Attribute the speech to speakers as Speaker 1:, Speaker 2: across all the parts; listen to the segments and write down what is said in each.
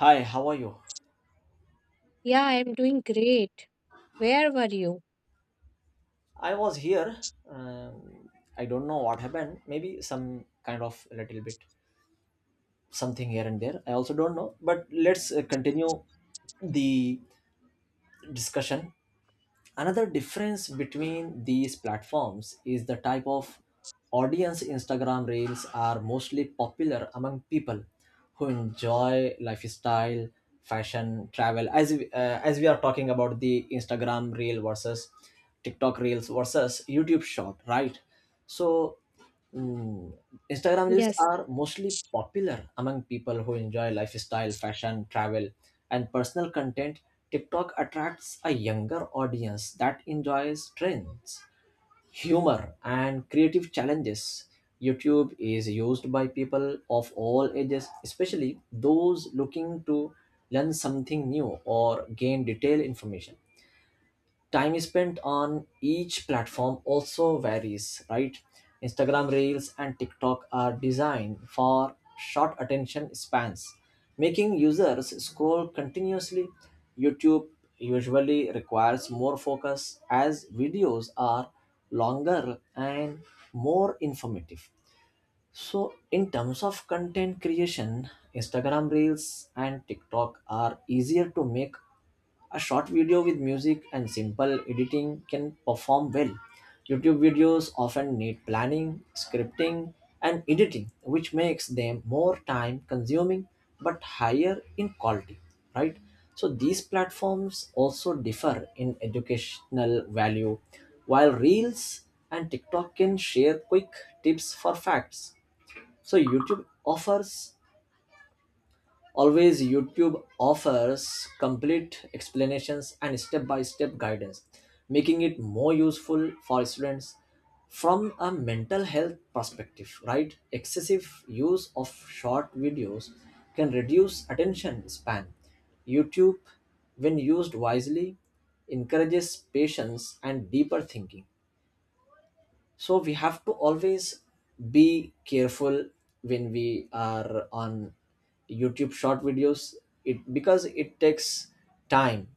Speaker 1: Hi, how are you?
Speaker 2: Yeah, I'm doing great. Where were you?
Speaker 1: I was here. Um, I don't know what happened. Maybe some kind of a little bit something here and there. I also don't know. But let's continue the discussion. Another difference between these platforms is the type of audience. Instagram Reels are mostly popular among people who enjoy lifestyle, fashion, travel. As we are talking about the Instagram Reel versus TikTok Reels versus YouTube Short, right? So Mm. Instagram reels
Speaker 2: Yes,
Speaker 1: are mostly popular among people who enjoy lifestyle, fashion, travel, and personal content. TikTok attracts a younger audience that enjoys trends, humor, and creative challenges. YouTube is used by people of all ages, especially those looking to learn something new or gain detailed information. Time spent on each platform also varies, right? Instagram reels and TikTok are designed for short attention spans, making users scroll continuously. YouTube usually requires more focus, as videos are longer and more informative. So, in terms of content creation, Instagram Reels and TikTok are easier to make. A short video with music and simple editing can perform well. YouTube videos often need planning, scripting, and editing, which makes them more time consuming but higher in quality, right? So, these platforms also differ in educational value. While Reels and TikTok can share quick tips for facts, so YouTube offers always YouTube offers complete explanations and step-by-step guidance, making it more useful for students. From a mental health perspective, right? Excessive use of short videos can reduce attention span. YouTube, when used wisely, encourages patience and deeper thinking. So we have to always be careful when we are on YouTube short videos, it because it takes time.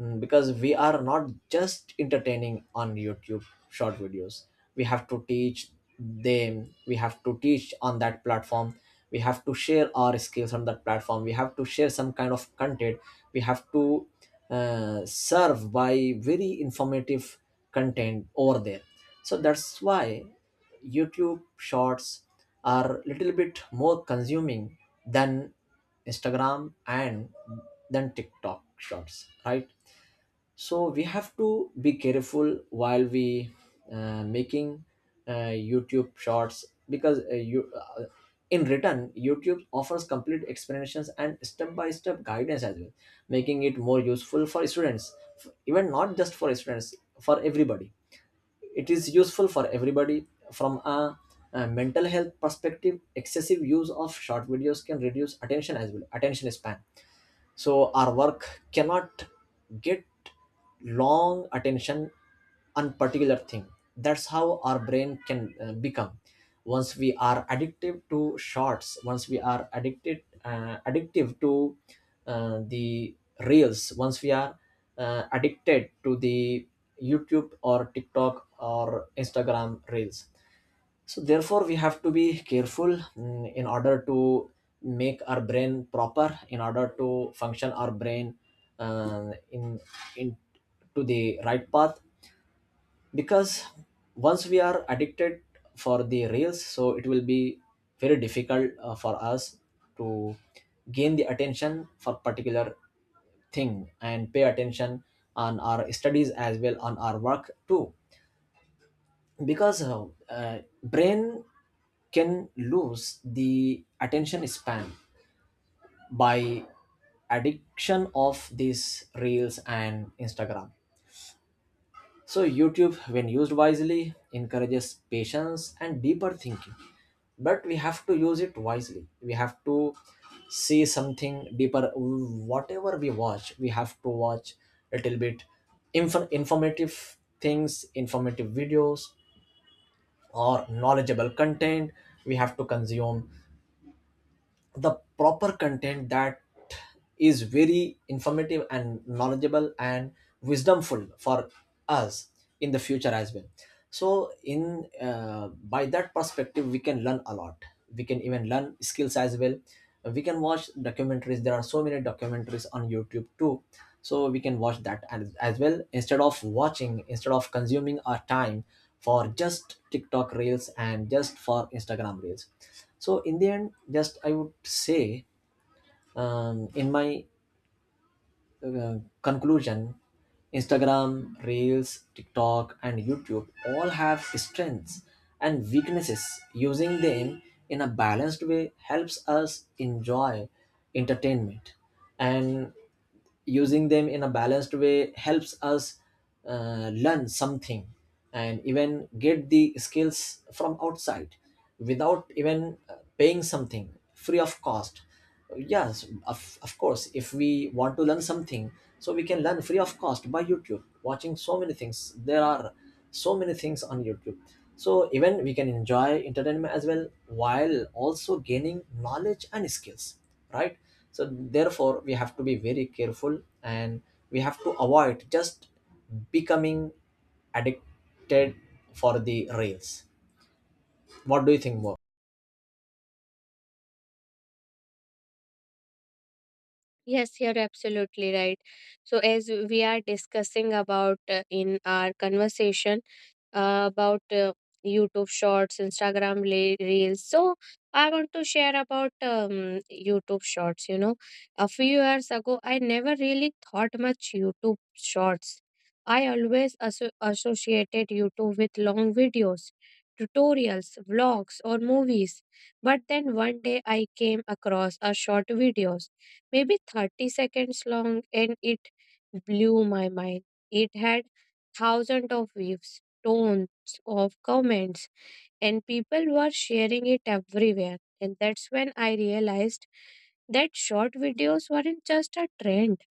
Speaker 1: Mm, because we are not just entertaining on YouTube short videos, we have to teach them. We have to teach on that platform, we have to share our skills on that platform, we have to share some kind of content. We have to serve by very informative content over there. So that's why YouTube shorts are little bit more consuming than Instagram and than TikTok shorts, right? So we have to be careful while we making uh, YouTube shorts, because you in return YouTube offers complete explanations and step by step guidance as well, making it more useful for students. Even not just for students, for everybody. It is useful for everybody. From a mental health perspective, excessive use of short videos can reduce attention as well, attention span. So our work cannot get long attention on particular thing. That's how our brain can become once we are addictive to shorts. Once we are addicted addictive to the reels, once we are addicted to the YouTube or TikTok or Instagram reels. So therefore, we have to be careful in order to make our brain proper, in order to function our brain uh, in in to the right path. Because once we are addicted for the reels, so it will be very difficult for us to gain the attention for particular thing and pay attention on our studies as well, on our work too, because brain can lose the attention span by addiction of these reels and Instagram. So YouTube when used wisely encourages patience and deeper thinking, but we have to use it wisely. We have to see something deeper. Whatever we watch, we have to watch a little bit informative things, informative videos or knowledgeable content. We have to consume the proper content that is very informative and knowledgeable and wisdomful for us in the future as well. So in by that perspective, we can learn a lot. We can even learn skills as well. We can watch documentaries. There are so many documentaries on YouTube too, so we can watch that as well, instead of watching, instead of consuming our time for just TikTok reels and just for Instagram reels. So in the end, just I would say in my conclusion, Instagram reels, TikTok, and YouTube all have strengths and weaknesses. Using them in a balanced way helps us enjoy entertainment, and using them in a balanced way helps us learn something and even get the skills from outside without even paying something, free of cost. Yes, of course, if we want to learn something, so we can learn free of cost by YouTube, watching so many things. There are so many things on YouTube, so even we can enjoy entertainment as well while also gaining knowledge and skills, right? So therefore, we have to be very careful, and we have to avoid just becoming addicted for the rails. What do you think more?
Speaker 2: yes, you're absolutely right. So, as we are discussing about in our conversation, about YouTube Shorts, Instagram Reels. So I want to share about YouTube Shorts. You know, a few years ago, I never really thought much YouTube Shorts. I always associated YouTube with long videos, tutorials, vlogs, or movies. But then one day I came across a short videos, maybe 30 seconds long, and it blew my mind. It had thousands of views, tons of comments, and people were sharing it everywhere. And that's when I realized that short videos weren't just a trend,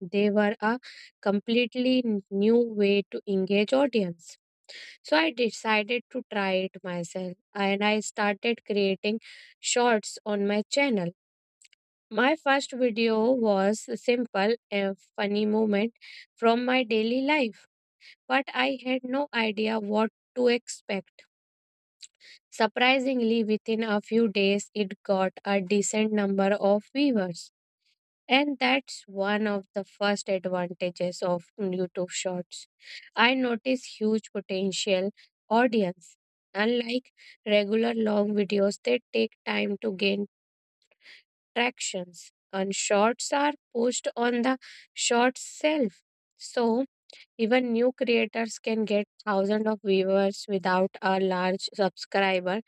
Speaker 2: they were a completely new way to engage audience. So I decided to try it myself, and I started creating shorts on my channel. My first video was a simple and funny moment from my daily life, but I had no idea what to expect. Surprisingly, within a few days, it got a decent number of viewers. And that's one of the first advantages of YouTube Shorts. I notice huge potential audience. Unlike regular long videos, they take time to gain tractions. And shorts are pushed on the short self. So even new creators can get thousands of viewers without a large subscriber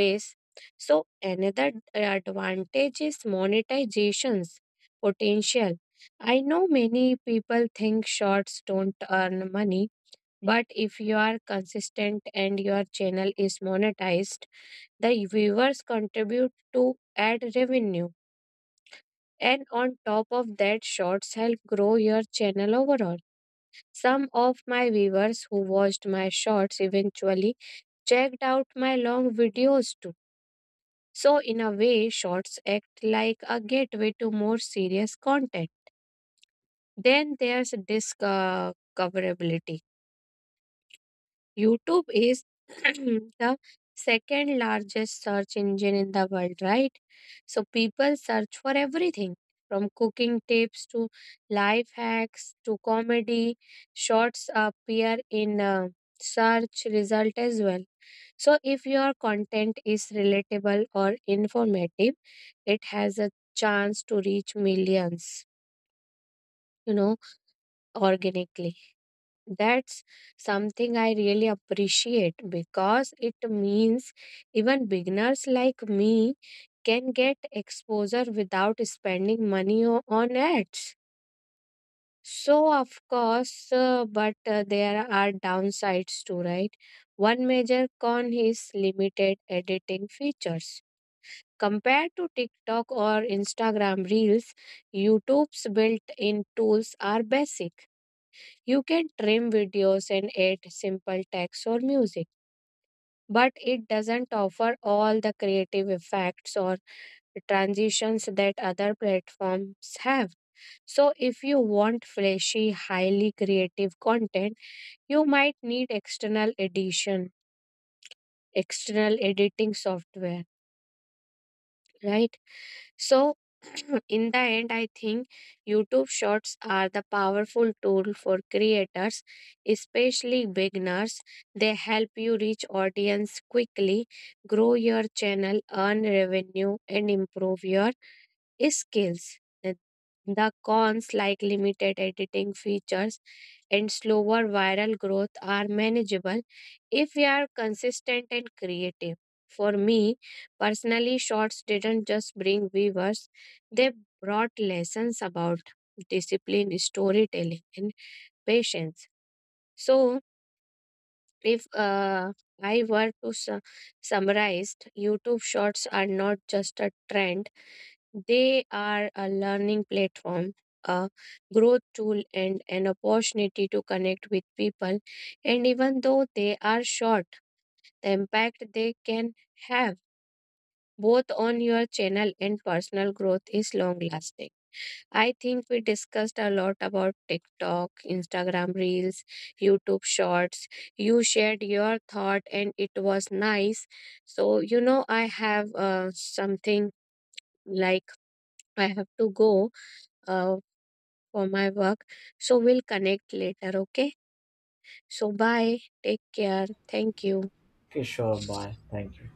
Speaker 2: base. So another advantage is monetization's potential. I know many people think shorts don't earn money, but if you are consistent and your channel is monetized, the viewers contribute to ad revenue. And on top of that, shorts help grow your channel overall. Some of my viewers who watched my shorts eventually checked out my long videos too. So, in a way, shorts act like a gateway to more serious content. Then there's discoverability. YouTube is the second largest search engine in the world, right? So people search for everything from cooking tips to life hacks to comedy. Shorts appear in search result as well. So if your content is relatable or informative, it has a chance to reach millions, you know, organically. That's something I really appreciate because it means even beginners like me can get exposure without spending money on ads. So, of course, but there are downsides too, right? One major con is limited editing features. Compared to TikTok or Instagram Reels, YouTube's built in tools are basic. You can trim videos and add simple text or music, but it doesn't offer all the creative effects or transitions that other platforms have. So, if you want flashy, highly creative content, you might need external edition, external editing software, right? So, in the end, I think YouTube Shorts are the powerful tool for creators, especially beginners. They help you reach audience quickly, grow your channel, earn revenue, and improve your skills. The the cons, like limited editing features and slower viral growth, are manageable if we are consistent and creative. For me personally, shorts didn't just bring viewers, they brought lessons about discipline, storytelling, and patience. So, if I were to summarize, YouTube Shorts are not just a trend, they are a learning platform, a growth tool, and an opportunity to connect with people. And even though they are short, the impact they can have both on your channel and personal growth is long lasting. I think we discussed a lot about TikTok, Instagram Reels, YouTube Shorts. You shared your thought, and it was nice. So, you know, I have something like I have to go. Uh, for my work. So we'll connect later, okay? So bye. Take care. Thank you.
Speaker 1: Okay, sure. Bye, thank you.